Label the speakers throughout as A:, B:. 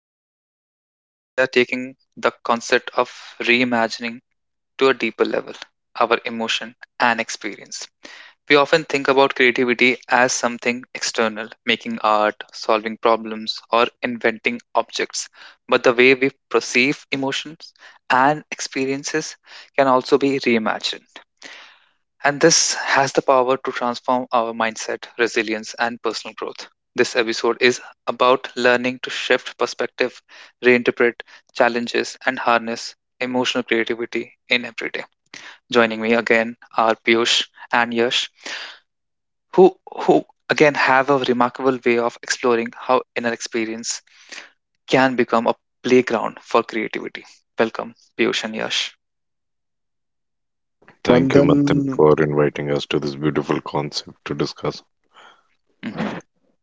A: I'm your host, Manthan, and today we are taking the concept of reimagining to a deeper level, our emotion and experience. We often think about creativity as something external, making art, solving problems, or inventing objects. But the way we perceive emotions and experiences can also be reimagined, and this has the power to transform our mindset, resilience, and personal growth. This episode is about learning to shift perspective, reinterpret challenges, and harness emotional creativity in everyday. Joining me again are Piyush and Yash, who, who again have a remarkable way of exploring how inner experience can become a playground for creativity. Welcome, Piyush and Yash.
B: Thank you,
C: Bandhan
B: Manthan, for inviting us to this beautiful concept to discuss.
A: hmm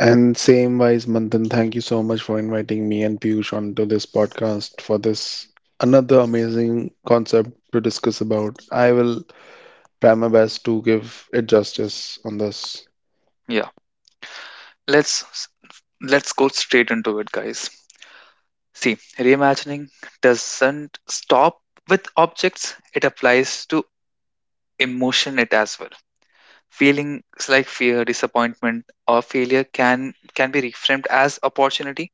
C: and same wise Bandhan, thank you so much for inviting me and Piyush onto this podcast for this another amazing concept to discuss about. I will try my best to give it justice on this.
A: Yeah, let's let's go straight into it, guys. See, reimagining doesn't stop with objects, it applies to emotion it as well. Feelings like fear, disappointment, or failure can be reframed as opportunity.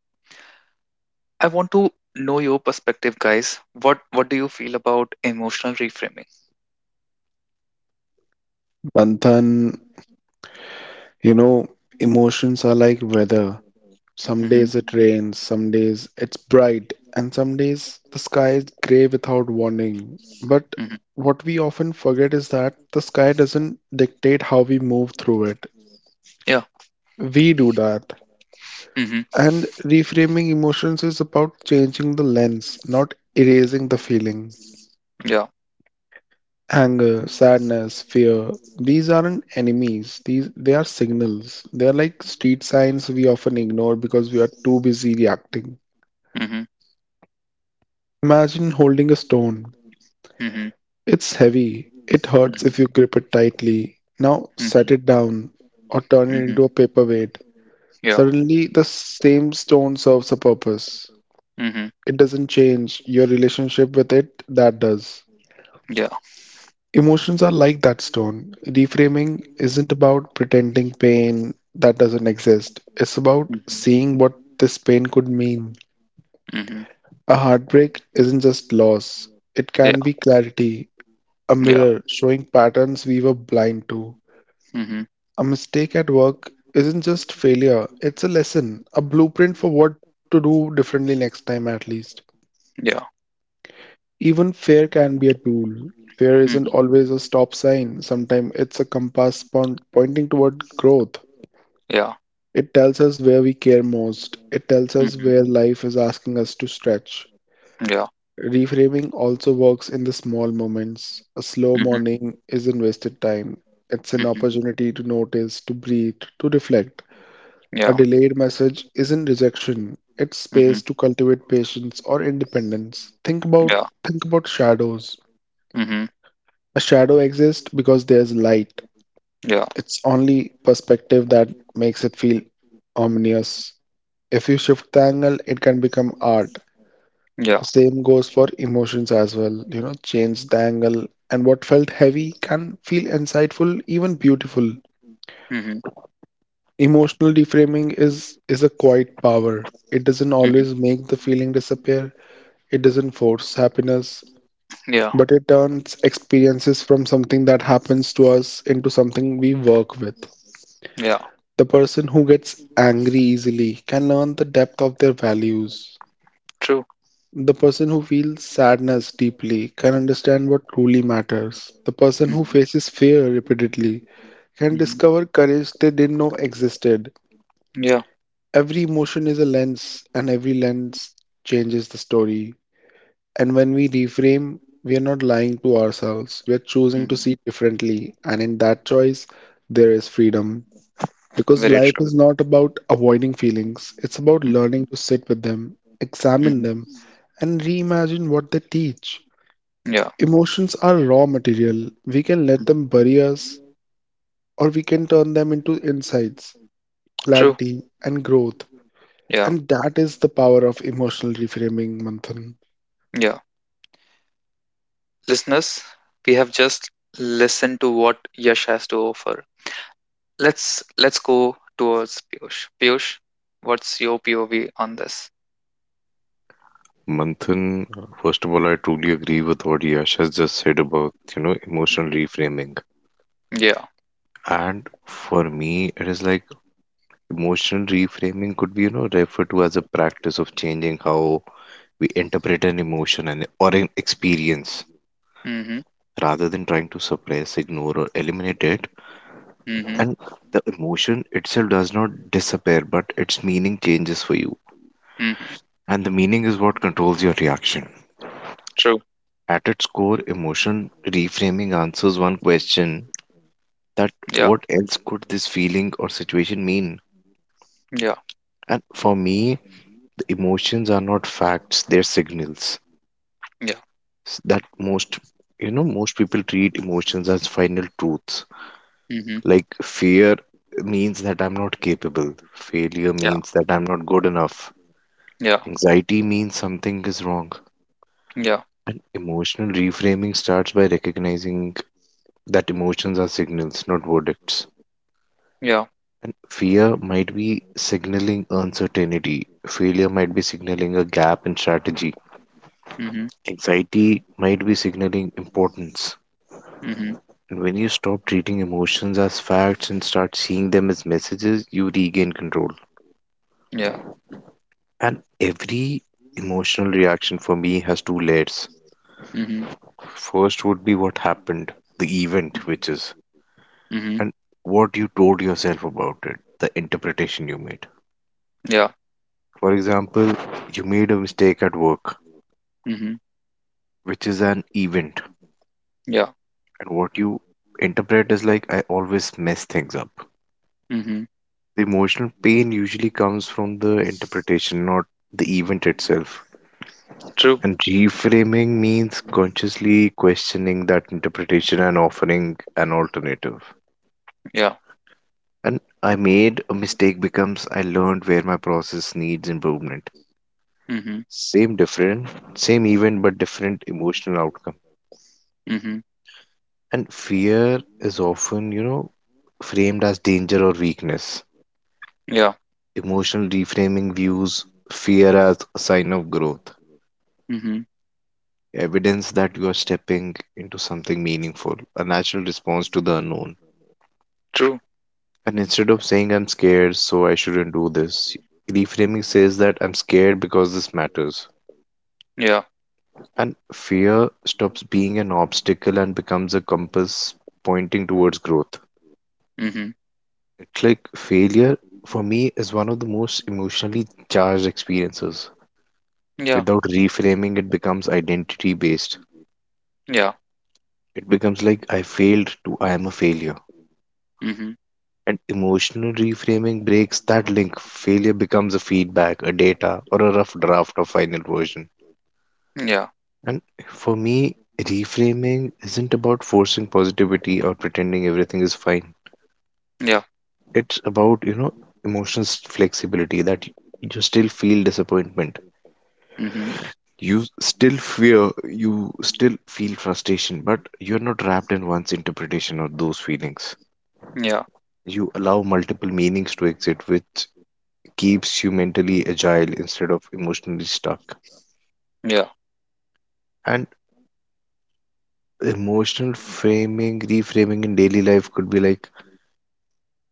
A: I want to know your perspective, guys. What do you feel about emotional reframing?
C: Bandhan, you know, emotions are like weather. Some
A: hmm
C: days it rains, some days it's bright, and some days the sky is gray without warning. But
A: hmm
C: what we often forget is that the sky doesn't dictate how we move through it.
A: Yeah.
C: We do that.
A: hmm
C: And reframing emotions is about changing the lens, not erasing the feeling.
A: Yeah.
C: Anger, sadness, fear, these aren't enemies. These they are signals. They are like street signs we often ignore because we are too busy reacting.
A: hmm
C: Imagine holding a stone.
A: hmm hmm
C: It's heavy. It hurts if you grip it
A: Mm-hmm.
C: tightly. Now set it down or turn it
A: Mm-hmm.
C: into a paperweight.
A: Yeah.
C: Suddenly the same stone serves a purpose.
A: Mm-hmm.
C: It doesn't change your relationship with it, that does.
A: Yeah.
C: Emotions are like that stone. Reframing isn't about pretending pain that doesn't exist, it's about
A: Mm-hmm.
C: seeing what this pain could mean.
A: Mm-hmm.
C: A heartbreak isn't just loss, it
A: Yeah.
C: can be clarity, a
A: Yeah.
C: mirror showing patterns we were blind to.
A: Mm-hmm.
C: A mistake at work isn't just failure, it's a lesson, a blueprint for what to do differently next time, at least.
A: Yeah.
C: Even fear can be a tool. Fear isn't
A: Mhm.
C: always a stop sign. Sometimes it's a compass pointing toward growth.
A: Yeah.
C: It tells us where we care most. It tells us
A: Mhm.
C: where life is asking us to stretch.
A: Yeah.
C: Reframing also works in the small moments. A slow
A: Mhm.
C: morning isn't wasted time. It's an
A: Mhm.
C: opportunity to notice, to breathe, to reflect. A
A: Yeah.
C: delayed message isn't rejection. It's space
A: Mhm.
C: to cultivate patience or independence.
A: Yeah.
C: Think about shadows.
A: Mhm.
C: A shadow exists because there's light.
A: Yeah.
C: It's only perspective that makes it feel ominous. If you shift the angle, it can become art.
A: Yeah.
C: The same goes for emotions as well. You know, change the angle, and what felt heavy can feel insightful, even beautiful.
A: Mhm.
C: Emotional deframing is a quiet power. It doesn't
A: Mhm.
C: always make the feeling disappear. It doesn't force happiness,
A: Yeah.
C: but it turns experiences from something that happens to us into something we work with.
A: Yeah.
C: The person who gets angry easily can learn the depth of their values.
A: True.
C: The person who feels sadness deeply can understand what truly matters. The person who
A: Mhm.
C: faces fear repeatedly can
A: Mhm.
C: discover courage they didn't know existed.
A: Yeah.
C: Every emotion is a lens, and every lens changes the story. And when we reframe, we are not lying to ourselves, we are choosing to
A: Mhm.
C: see differently, and in that choice, there is freedom. Because
A: Very
C: life
A: true.
C: is not about avoiding feelings, it's about
A: Mhm.
C: learning to sit with them, examine them,
A: Mhm.
C: and reimagine what they teach.
A: Yeah.
C: Emotions are raw material. We can let them
A: Mhm.
C: bury us, or we can turn them into insights,
A: True.
C: clarity, and growth.
A: Yeah.
C: And that is the power of emotional reframing, Manthan.
A: Yeah. Listeners, we have just listened to what Yash has to offer. Let's go towards Piyush. Piyush, what's your POV on this?
B: Manthan, first of all, I truly agree with what Yash has just said about, emotional reframing.
A: Yeah.
B: And for me, it is like emotional reframing could be, referred to as a practice of changing how we interpret an emotion and or an experience
A: Mm-hmm.
B: rather than trying to suppress, ignore, or eliminate it.
A: Mm-hmm.
B: And the emotion itself does not disappear, but its meaning changes for you.
A: Mm-hmm.
B: And the meaning is what controls your reaction.
A: True.
B: At its core, emotion reframing answers one question: that
A: Yeah.
B: what else could this feeling or situation mean?
A: Yeah.
B: And for me, the emotions are not facts, they're signals.
A: Yeah.
B: S- That most, most people treat emotions as final truths.
A: Mm-hmm.
B: Like fear means that I'm not capable, failure
A: Yeah.
B: means that I'm not good enough,
A: Yeah.
B: anxiety means something is wrong.
A: Yeah.
B: And emotional reframing starts by recognizing that emotions are signals, not verdicts.
A: Yeah.
B: And fear might be signaling uncertainty. Failure might be signaling a gap in strategy.
A: Mm-hmm.
B: Anxiety might be signaling importance.
A: Mm-hmm.
B: And when you stop treating emotions as facts and start seeing them as messages, you regain control.
A: Yeah.
B: And every emotional reaction for me has two layers.
A: Mm-hmm.
B: First would be what happened, the event, which is,
A: Mm-hmm.
B: and what you told yourself about it, the interpretation you made.
A: Yeah.
B: For example, you made a mistake at work,
A: Mm-hmm.
B: which is an event.
A: Yeah.
B: And what you interpret is like, I always mess things up.
A: Mm-hmm.
B: The emotional pain usually comes from the interpretation, not the event itself.
A: True.
B: And reframing means consciously questioning that interpretation and offering an alternative.
A: Yeah.
B: And I made a mistake becomes I learned where my process needs improvement.
A: Mm-hmm.
B: Same different, same event, but different emotional outcome.
A: Mm-hmm.
B: And fear is often, framed as danger or weakness.
A: Yeah.
B: Emotional reframing views fear as a sign of growth,
A: Mm-hmm.
B: evidence that you are stepping into something meaningful, a natural response to the unknown.
A: True.
B: And instead of saying I'm scared, so I shouldn't do this, reframing says that I'm scared because this matters.
A: Yeah.
B: And fear stops being an obstacle and becomes a compass pointing towards growth.
A: Mm-hmm.
B: It's like failure, for me, is one of the most emotionally charged experiences.
A: Yeah.
B: Without reframing, it becomes identity based.
A: Yeah.
B: It becomes like I failed to I am a failure.
A: Mm-hmm.
B: And emotional reframing breaks that link. Failure becomes a feedback, a data, or a rough draft or final version.
A: Yeah.
B: And for me, reframing isn't about forcing positivity or pretending everything is fine.
A: Yeah.
B: It's about, flexibility that you still feel disappointment.
A: Mm-hmm.
B: You still fear, you still feel frustration, but you're not wrapped in one's interpretation of those feelings.
A: Yeah.
B: You allow multiple meanings to exist, which keeps you mentally agile instead of emotionally stuck.
A: Yeah.
B: And reframing in daily life could be like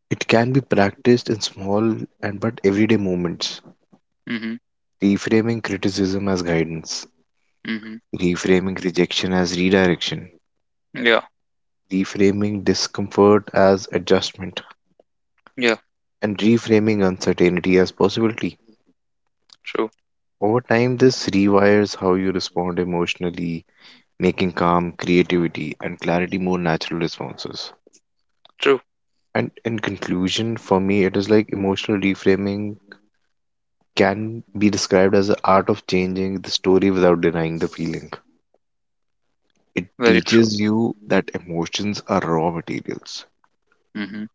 B: it can be practiced in small and but everyday moments.
A: Mm-hmm.
B: Reframing criticism as guidance,
A: Mm-hmm.
B: reframing rejection as redirection,
A: Yeah.
B: reframing discomfort as adjustment,
A: Yeah.
B: and reframing uncertainty as possibility.
A: True.
B: Over time, this rewires how you respond emotionally, making calm, creativity, and clarity more natural responses.
A: True.
B: And in conclusion, for me, it is like emotional reframing can be described as the art of changing the story without denying the feeling. It
A: Very true.
B: teaches you that emotions are raw materials,
A: hmm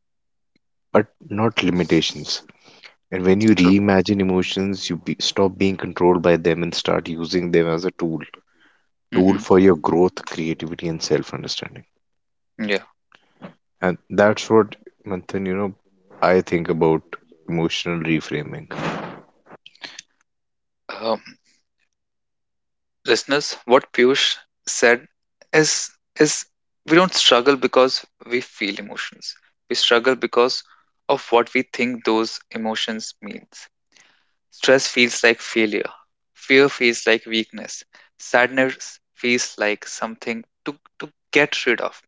B: but not limitations. And when you
A: True.
B: reimagine emotions, you stop being controlled by them and start using them as a tool, tool
A: hmm
B: for your growth, creativity, and self-understanding.
A: Yeah.
B: And that's what, Manthan, I think about emotional reframing.
A: Um, Listeners, what Piyush said is is we don't struggle because we feel emotions. We struggle because of what we think those emotions means. Stress feels like failure. Fear feels like weakness. Sadness feels like something to get rid of.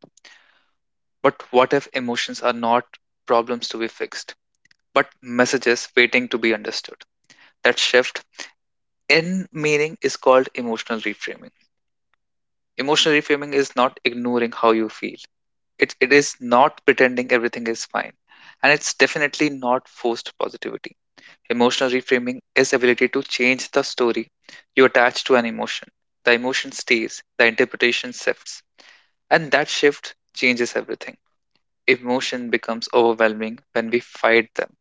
A: But what if emotions are not problems to be fixed, but messages waiting to be understood? That shift in meaning is called emotional reframing. Emotional reframing is not ignoring how you feel. It is not pretending everything is fine. And it's definitely not forced positivity. Emotional reframing is ability to change the story you attach to an emotion. The emotion stays, the interpretation shifts. And that shift changes everything. Emotion becomes overwhelming when we fight them,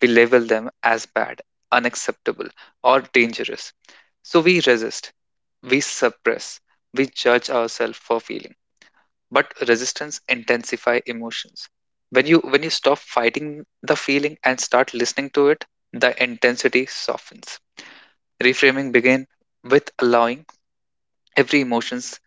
A: we label them as bad, unacceptable, or dangerous. So we resist, we suppress, we judge ourselves for feeling. But resistance intensifies emotions. When you stop fighting the feeling and start listening to it, the intensity softens. Reframing begin with allowing. Every emotions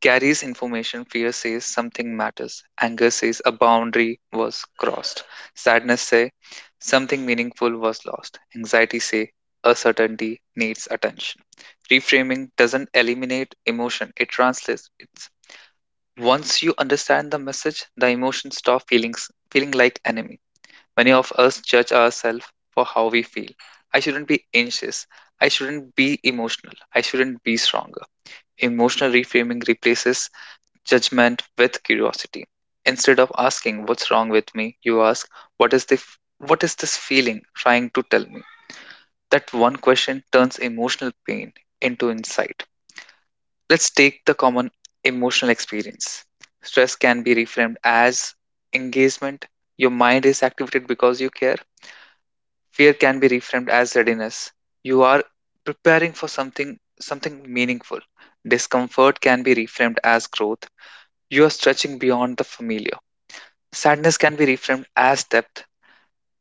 A: carries information. Fear says something matters. Anger says a boundary was crossed. Sadness say something meaningful was lost. Anxiety say a certainty needs attention. Reframing doesn't eliminate emotion. It translates. It's once you understand the message, the emotion stop feeling like enemy. Many of us judge ourselves for how we feel. I shouldn't be anxious. I shouldn't be emotional. I shouldn't be stronger. Emotional reframing replaces judgment with curiosity. Instead of asking what's wrong with me, you ask what is this feeling trying to tell me? That one question turns emotional pain into insight. Let's take the common emotional experience. Stress can be reframed as engagement. Your mind is activated because you care. Fear can be reframed as readiness. You are preparing for something meaningful. Discomfort can be reframed as growth. You are stretching beyond the familiar. Sadness can be reframed as depth.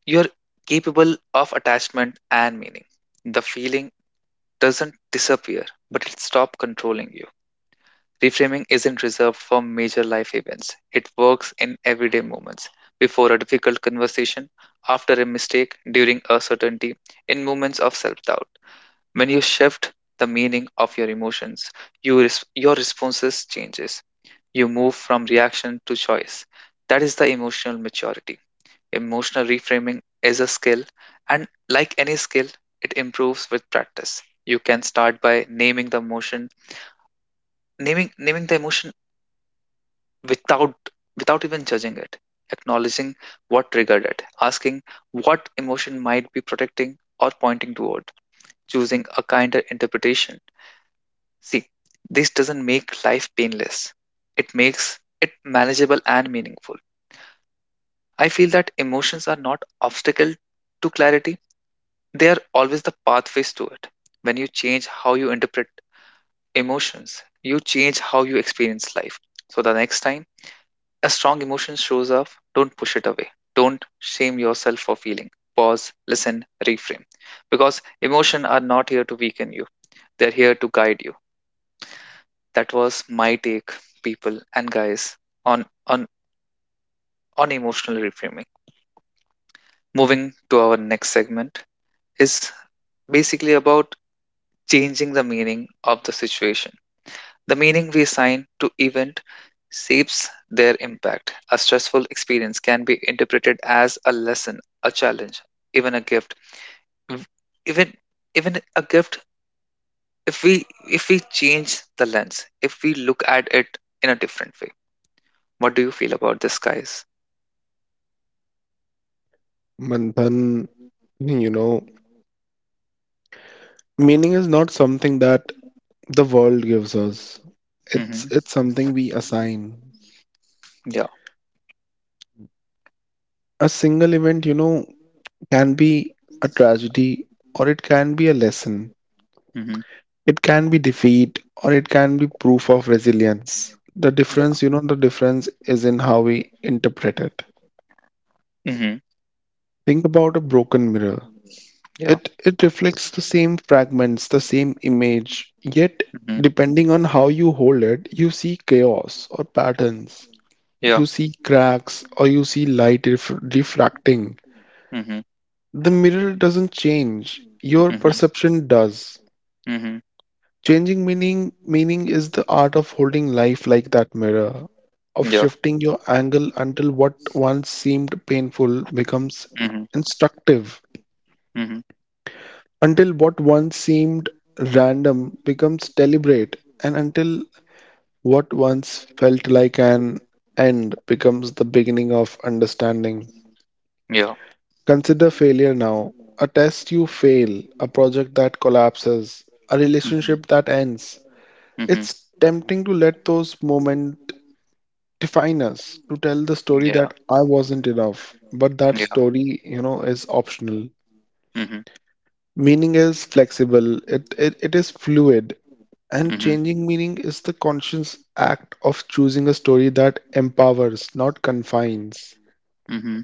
A: You are capable of attachment and meaning. The feeling doesn't disappear, but it stops controlling you. Reframing isn't reserved for major life events, it works in everyday moments. Before a difficult conversation, after a mistake, during uncertainty, in moments of self doubt. When you shift the meaning of your emotions, your responses changes. You move from reaction to choice. That is the emotional maturity. Emotional reframing is a skill, and like any skill, it improves with practice. You can start by naming the emotion, naming the emotion without without even judging it, acknowledging what triggered it, asking what emotion might be protecting or pointing toward, choosing a kinder interpretation. See, this doesn't make life painless. It makes it manageable and meaningful. I feel that emotions are not obstacle to clarity. They are always the pathways to it. When you change how you interpret emotions, you change how you experience life. So the next time a strong emotion shows up, don't push it away. Don't shame yourself for feeling. Pause, listen, reframe. Because emotions are not here to weaken you. They're here to guide you. That was my take, people and guys, on on on emotional reframing. Moving to our next segment is basically about changing the meaning of the situation. The meaning we assign to event shapes their impact. A stressful experience can be interpreted as a lesson, a challenge, even a gift. Mm, Even even a gift, if we change the lens, if we look at it in a different way. What do you feel about this, guys?
C: Manthan, you know, meaning is not something that the world gives us. It's
A: Mm-hmm.
C: it's something we assign.
A: Yeah.
C: A single event, you know, can be a tragedy or it can be a lesson.
A: Mhm.
C: It can be defeat or it can be proof of resilience. The
A: Yeah.
C: difference, you know, the difference is in how we interpret it.
A: Mhm.
C: Think about a broken mirror.
A: Yeah.
C: It reflects the same fragments, the same image, yet
A: Mhm.
C: depending on how you hold it, you see chaos or patterns.
A: Yeah.
C: You see cracks or you see light refracting.
A: Mhm.
C: The mirror doesn't change, your
A: Mhm.
C: perception does.
A: Mhm.
C: Changing meaning is the art of holding life like that mirror, of
A: Yeah.
C: shifting your angle until what once seemed painful becomes
A: Mhm.
C: instructive,
A: Mhm.
C: until what once seemed random becomes deliberate, and until what once felt like an end becomes the beginning of understanding.
A: Yeah.
C: Consider failure now, a test you fail, a project that collapses, a
A: Mhm.
C: relationship that ends.
A: Mhm.
C: It's tempting to let those moments define us, to tell the story
A: Yeah.
C: that I wasn't enough, but that
A: Yeah.
C: story, you know, is optional.
A: Mhm.
C: Meaning is flexible, it is fluid, and
A: Mhm.
C: changing meaning is the conscious act of choosing a story that empowers, not confines.
A: Mhm.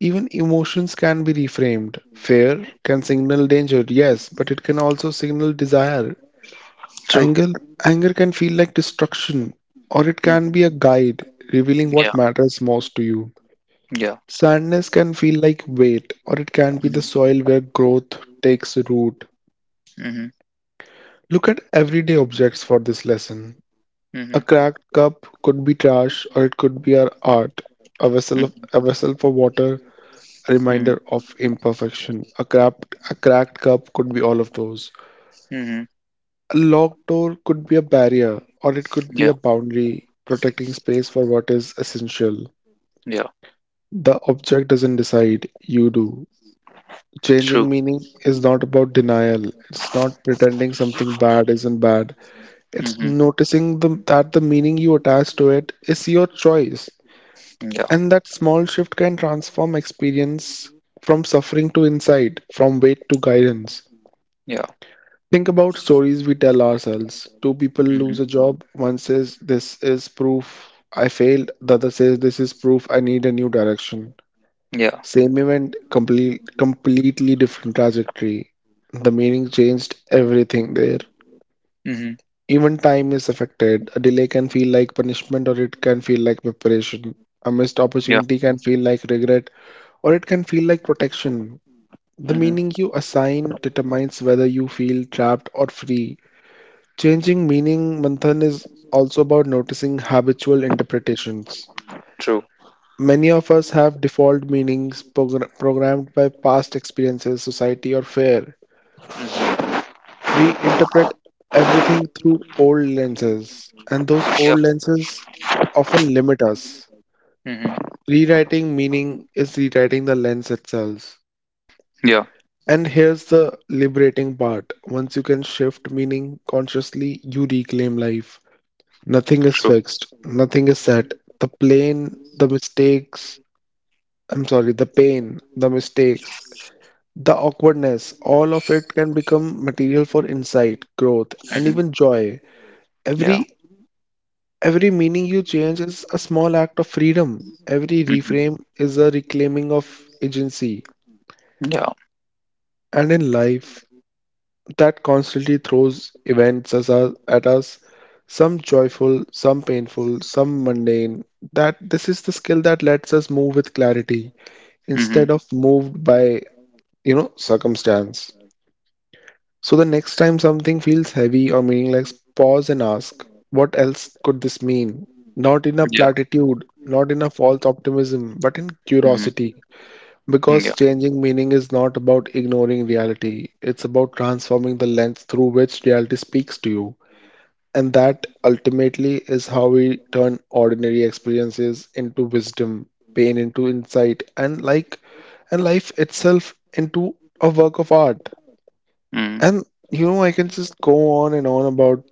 C: Even emotions can be reframed. Fear can signal danger, yes, but it can also signal desire.
A: True.
C: Anger, anger can feel like destruction, or it can
A: Mhm.
C: be a guide revealing
A: Yeah.
C: what matters most to you.
A: Yeah.
C: Sadness can feel like weight, or it can be the
A: Mhm.
C: soil where growth takes root.
A: Mhm.
C: Look at everyday objects for this lesson. A
A: Mhm.
C: cracked cup could be trash, or it could be our art. A vessel for water, a
A: Mhm.
C: reminder of imperfection. A cracked cup could be all of those.
A: Mhm.
C: A locked door could be a barrier, or it could be a
A: Yeah.
C: boundary protecting space for what is essential.
A: Yeah.
C: The object doesn't decide, you do. Changing
A: True.
C: meaning is not about denial. It's not pretending something bad isn't bad. It's
A: Mhm.
C: noticing that the meaning you attach to it is your choice.
A: Yeah.
C: And that small shift can transform experience from suffering to insight, from weight to guidance.
A: Yeah.
C: Think about stories we tell ourselves. Two people lose a
A: Mhm.
C: job. One says, "This is proof I failed." The other says, "This is proof I need a new direction."
A: Yeah.
C: Same event, completely different trajectory. The meaning changed everything there.
A: Mhm.
C: Even time is affected. A delay can feel like punishment or it can feel like preparation. A missed
A: Yeah.
C: opportunity can feel like regret or it can feel like protection. The meaning
A: Mhm.
C: you assign determines whether you feel trapped or free. Changing meaning, Manthan, is also about noticing habitual interpretations.
A: True.
C: Many of us have default meanings programmed by past experiences, society, or fear.
A: Mhm.
C: We interpret everything through old lenses, and those
A: Yeah.
C: old lenses often limit us.
A: Mhm.
C: Rewriting meaning is rewriting the lens itself.
A: Yeah.
C: And here's the liberating part once you can shift meaning consciously, you reclaim life. Nothing is
A: True.
C: fixed, nothing is set. The plane, the mistakes, the pain, the mistakes, the awkwardness, all of it can become material for insight, growth, and
A: Mhm.
C: even joy.
A: Yeah.
C: Every every meaning you change is a small act of freedom. Every
A: Mhm.
C: reframe is a reclaiming of agency.
A: Yeah.
C: And in life, that constantly throws events at us, some joyful, some painful, some mundane. That this is the skill that lets us move with clarity
A: Mhm.
C: instead of moved by, you know, circumstance. So the next time something feels heavy or meaningless, pause and ask, what else could this mean? Not in a
A: Yeah.
C: platitude, not in a false optimism, but in
A: Mhm.
C: curiosity. Because
A: Yeah.
C: changing meaning is not about ignoring reality, it's about transforming the lens through which reality speaks to you. And that ultimately is how we turn ordinary experiences into wisdom, pain into insight, and life itself into a work of art.
A: Mhm.
C: And you know, I can just go on and on about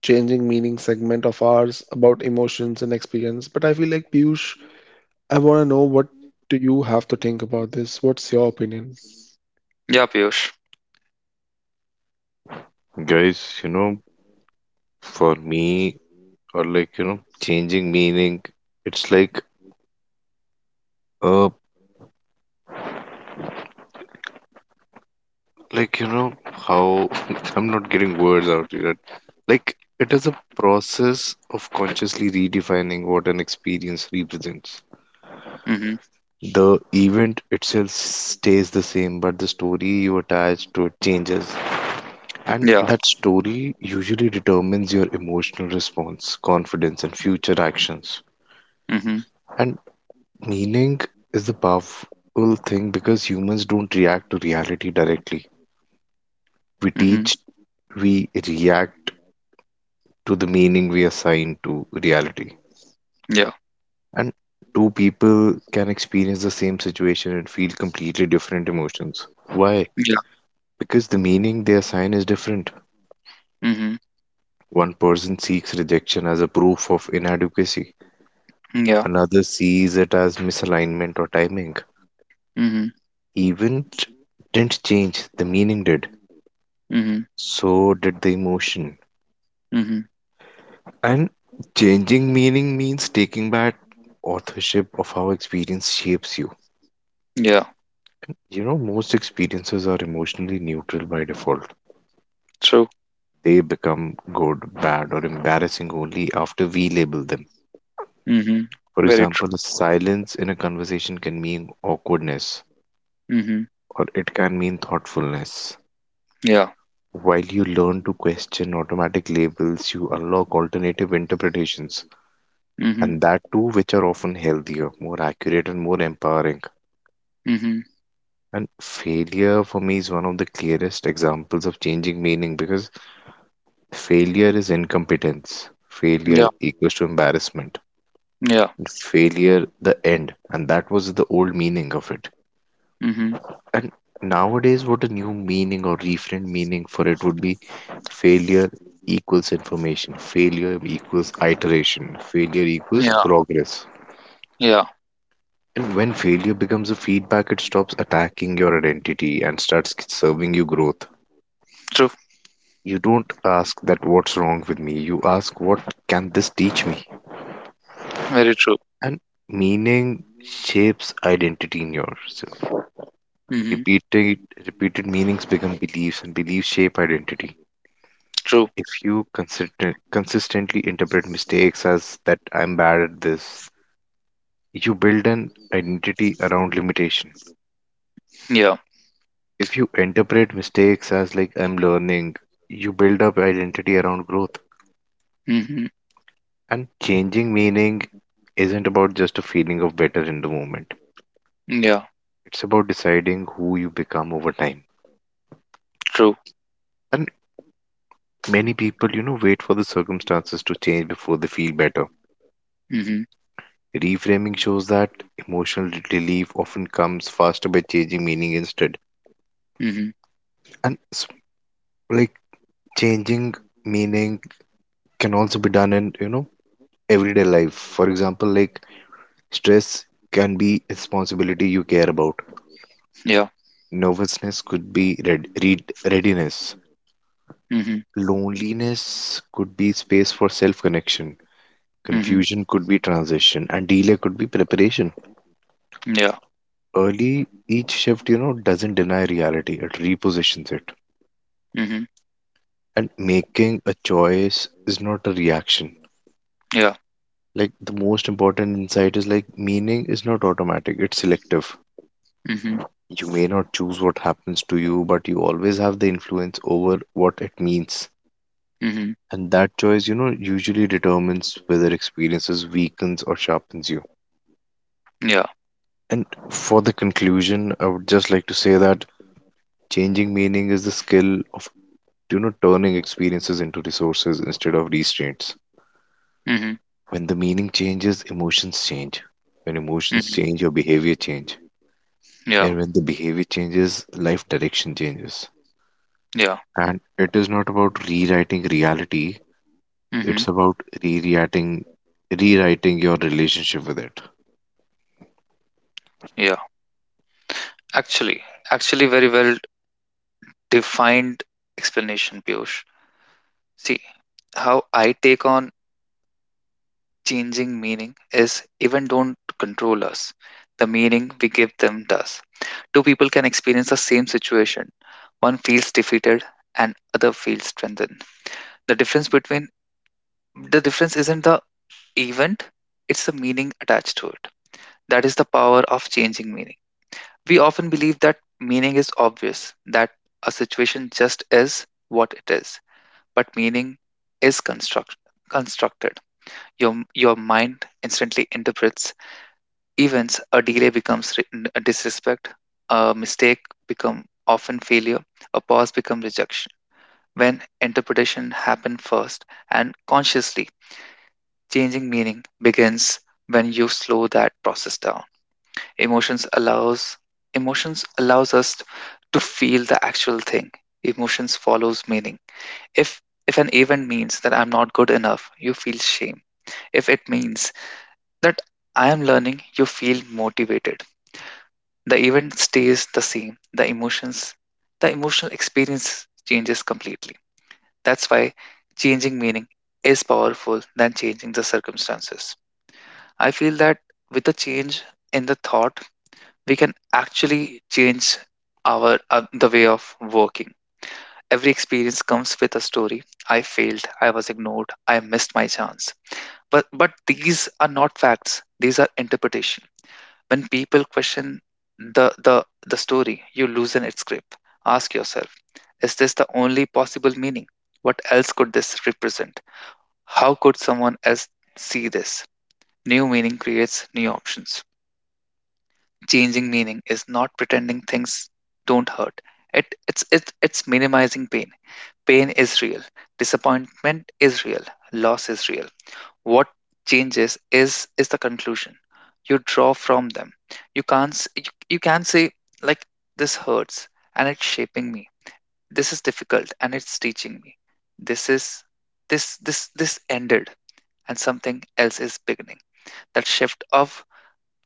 C: changing meaning segment of ours, about emotions and experience, but I feel like Piyush, I want to know what do you have to think about this? What's your opinion?
A: Yeah, Piyush.
B: Guys, for me, or like, changing meaning, it's uh, like, how I'm not getting words out here. Like, it is a process of consciously redefining what an experience represents.
A: Mhm.
B: The event itself stays the same, but the story you attach to it changes. And
A: Yeah.
B: that story usually determines your emotional response, confidence, and future actions.
A: Mhm.
B: And meaning is the powerful thing because humans don't react to reality directly. We
A: Mhm.
B: teach, we react to the meaning we assign to reality.
A: Yeah.
B: And two people can experience the same situation and feel completely different emotions. Why?
A: Yeah.
B: Because the meaning they assign is different.
A: Mhm.
B: One person seeks rejection as a proof of inadequacy,
A: Yeah.
B: another sees it as misalignment or timing.
A: Mhm.
B: Event didn't change, the meaning did.
A: Mhm.
B: So did the emotion.
A: Mhm.
B: And changing meaning means taking back authorship of how experience shapes you.
A: Yeah.
B: Most experiences are emotionally neutral by default.
A: True.
B: They become good, bad, or embarrassing only after we label them.
A: Mhm.
B: For
A: Very
B: example,
A: true.
B: a silence in a conversation can mean awkwardness,
A: Mhm.
B: or it can mean thoughtfulness.
A: Yeah.
B: While you learn to question automatic labels, you unlock alternative interpretations,
A: Mhm.
B: and that too, which are often healthier, more accurate, and more empowering.
A: Mhm.
B: And failure for me is one of the clearest examples of changing meaning because failure is incompetence.
A: Yeah.
B: Failure equals to embarrassment.
A: Yeah.
B: And failure, the end. And that was the old meaning of it.
A: Mhm.
B: And nowadays, what a new meaning or reframed meaning for it would be failure equals information, failure equals iteration, failure equals
A: Yeah.
B: progress.
A: Yeah.
B: And when failure becomes a feedback, it stops attacking your identity and starts serving you growth.
A: True.
B: You don't ask that what's wrong with me, you ask what can this teach me?
A: Very true.
B: And meaning shapes identity in yourself.
A: Mhm.
B: Repeated, repeated meanings become beliefs, and beliefs shape identity.
A: True.
B: If you consistently interpret mistakes as that I'm bad at this, you build an identity around limitation.
A: Yeah.
B: If you interpret mistakes as like I'm learning, you build up identity around growth.
A: Mhm.
B: And changing meaning isn't about just a feeling of better in the moment.
A: Yeah.
B: It's about deciding who you become over time.
A: True.
B: And many people, wait for the circumstances to change before they feel better.
A: Mhm.
B: Reframing shows that emotional relief often comes faster by changing meaning instead.
A: Mhm.
B: and s- like changing meaning can also be done in everyday life, for example, like stress can be responsibility you care about,
A: Yeah.
B: nervousness could be red, read readiness,
A: Mhm.
B: loneliness could be space for self connection,
A: Mhm.
B: confusion could be transition, and delay could be preparation.
A: Yeah.
B: Early each shift, doesn't deny reality, it repositions it,
A: Mhm.
B: and making a choice is not a reaction.
A: Yeah.
B: Like the most important insight is like meaning is not automatic, it's selective.
A: Mhm.
B: You may not choose what happens to you, but you always have the influence over what it means.
A: Mhm.
B: And that choice, usually determines whether experiences weakens or sharpens you.
A: Yeah.
B: And for the conclusion, I would just like to say that changing meaning is the skill of, turning experiences into resources instead of restraints.
A: Mhm.
B: When the meaning changes, emotions change. When emotions
A: Mhm.
B: change, your behavior change.
A: Yeah.
B: And when the behavior changes, life direction changes.
A: Yeah.
B: And it is not about rewriting reality,
A: Mhm.
B: it's about rewriting rewriting your relationship with it.
A: Yeah. Actually, actually, very well defined explanation, Piyush. See, how I take on changing meaning is even don't control us. The meaning we give them does. Two people can experience the same situation. One feels defeated and other feels strengthened. The difference between the difference isn't the event, it's the meaning attached to it. That is the power of changing meaning. We often believe that meaning is obvious, that a situation just is what it is, but meaning is constructed. Your mind instantly interprets events, a delay becomes disrespect, a mistake become often failure, a pause become rejection. When interpretation happen first and consciously, changing meaning begins when you slow that process down. Emotions allows Emotions allows us to feel the actual thing. Emotions follows meaning. If if an event means that I'm not good enough, you feel shame. If it means that I am learning, you feel motivated. The event stays the same. The emotional experience changes completely. That's why changing meaning is powerful than changing the circumstances. I feel that with the change in the thought, we can actually change our the way of working. Every experience comes with a story. I failed, I was ignored, I missed my chance. But these are not facts. These are interpretation. When people question the story, you loosen its grip. Ask yourself, is this the only possible meaning? What else could this represent? How could someone else see this? New meaning creates new options. Changing meaning is not pretending things don't hurt. It it's minimizing pain. Pain is real. Disappointment is real. Loss is real. What changes is the conclusion you draw from them. You can't s- You can say like this hurts and it's shaping me, this is difficult and it's teaching me, this is this ended and something else is beginning. That shift of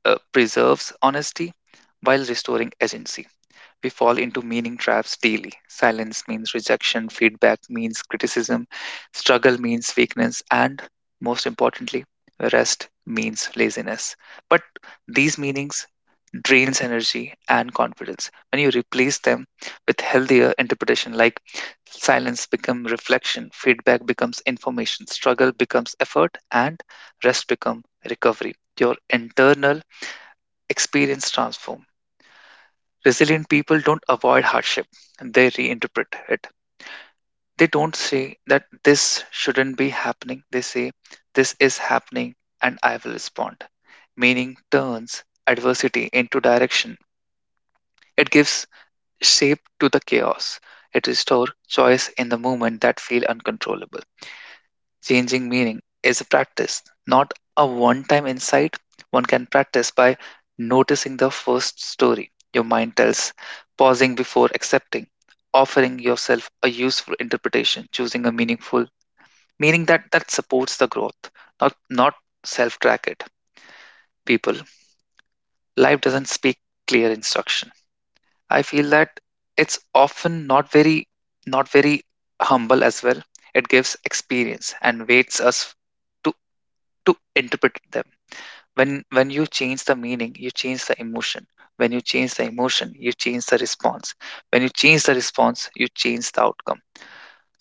A: preserves honesty while restoring agency. We fall into meaning traps daily. Silence means rejection, feedback means criticism, struggle means weakness, and most importantly, rest means laziness. But these meanings drains energy and confidence. When you replace them with healthier interpretation, like silence becomes reflection, feedback becomes information, struggle becomes effort, and rest becomes recovery, your internal experience transform. Resilient people don't avoid hardship, they reinterpret it. They don't say that this shouldn't be happening, they say this is happening and I will respond. Meaning turns adversity into direction. It gives shape to the chaos. It restores choice in the moment that feel uncontrollable. Changing meaning is a practice, not a one time insight. One can practice by noticing the first story your mind tells, pausing before accepting, offering yourself a useful interpretation, choosing a meaning that supports the growth, not self track it. People, life doesn't speak clear instruction. I feel that it's often not very humble as well. It gives experience and waits us to to interpret them. When when you change the meaning you change the emotion, when you change the emotion you change the response, when you change the response you change the outcome.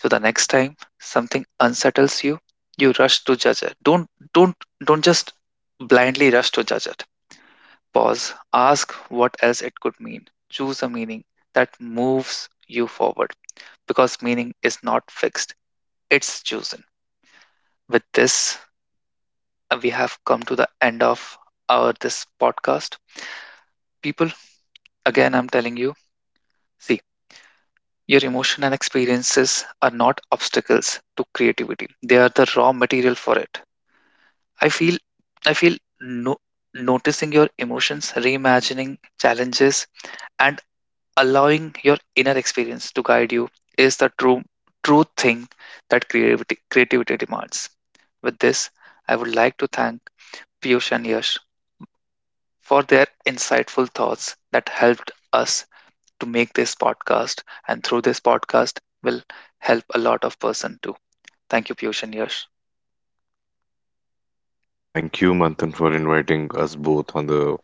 A: So the next time something unsettles you, you rush to judge it. Don't don't don't just blindly rush to judge it. Pause, ask what else it could mean, choose a meaning that moves you forward, because meaning is not fixed, it's chosen. With this, we have come to the end of our this podcast. People, again, I'm telling you, see, your emotion and experiences are not obstacles to creativity. They are the raw material for it. I feel, I feel no, Noticing your emotions, reimagining challenges, and allowing your inner experience to guide you is the true thing that creativity demands. With this, I would like to thank Piyush and Yash for their insightful thoughts that helped us to make this podcast, and through this podcast will help a lot of person too. Thank you, Piyush and Yash.
B: Thank you, Manthan, for inviting us both on the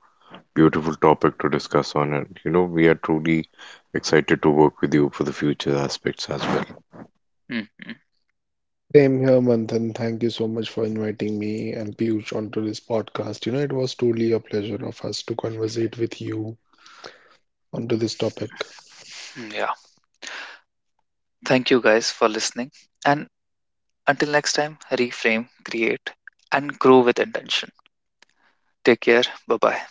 B: beautiful topic to discuss on. And you know, we are truly excited to work with you for the future aspects as well.
A: Mhm.
C: Same here, Manthan. Thank you so much for inviting me and Piyush onto this podcast. You know, it was truly a pleasure of us to conversate with you onto this topic.
A: Yeah. Thank you guys for listening. And until next time, reframe, create, and grow with intention. Take care. Bye bye.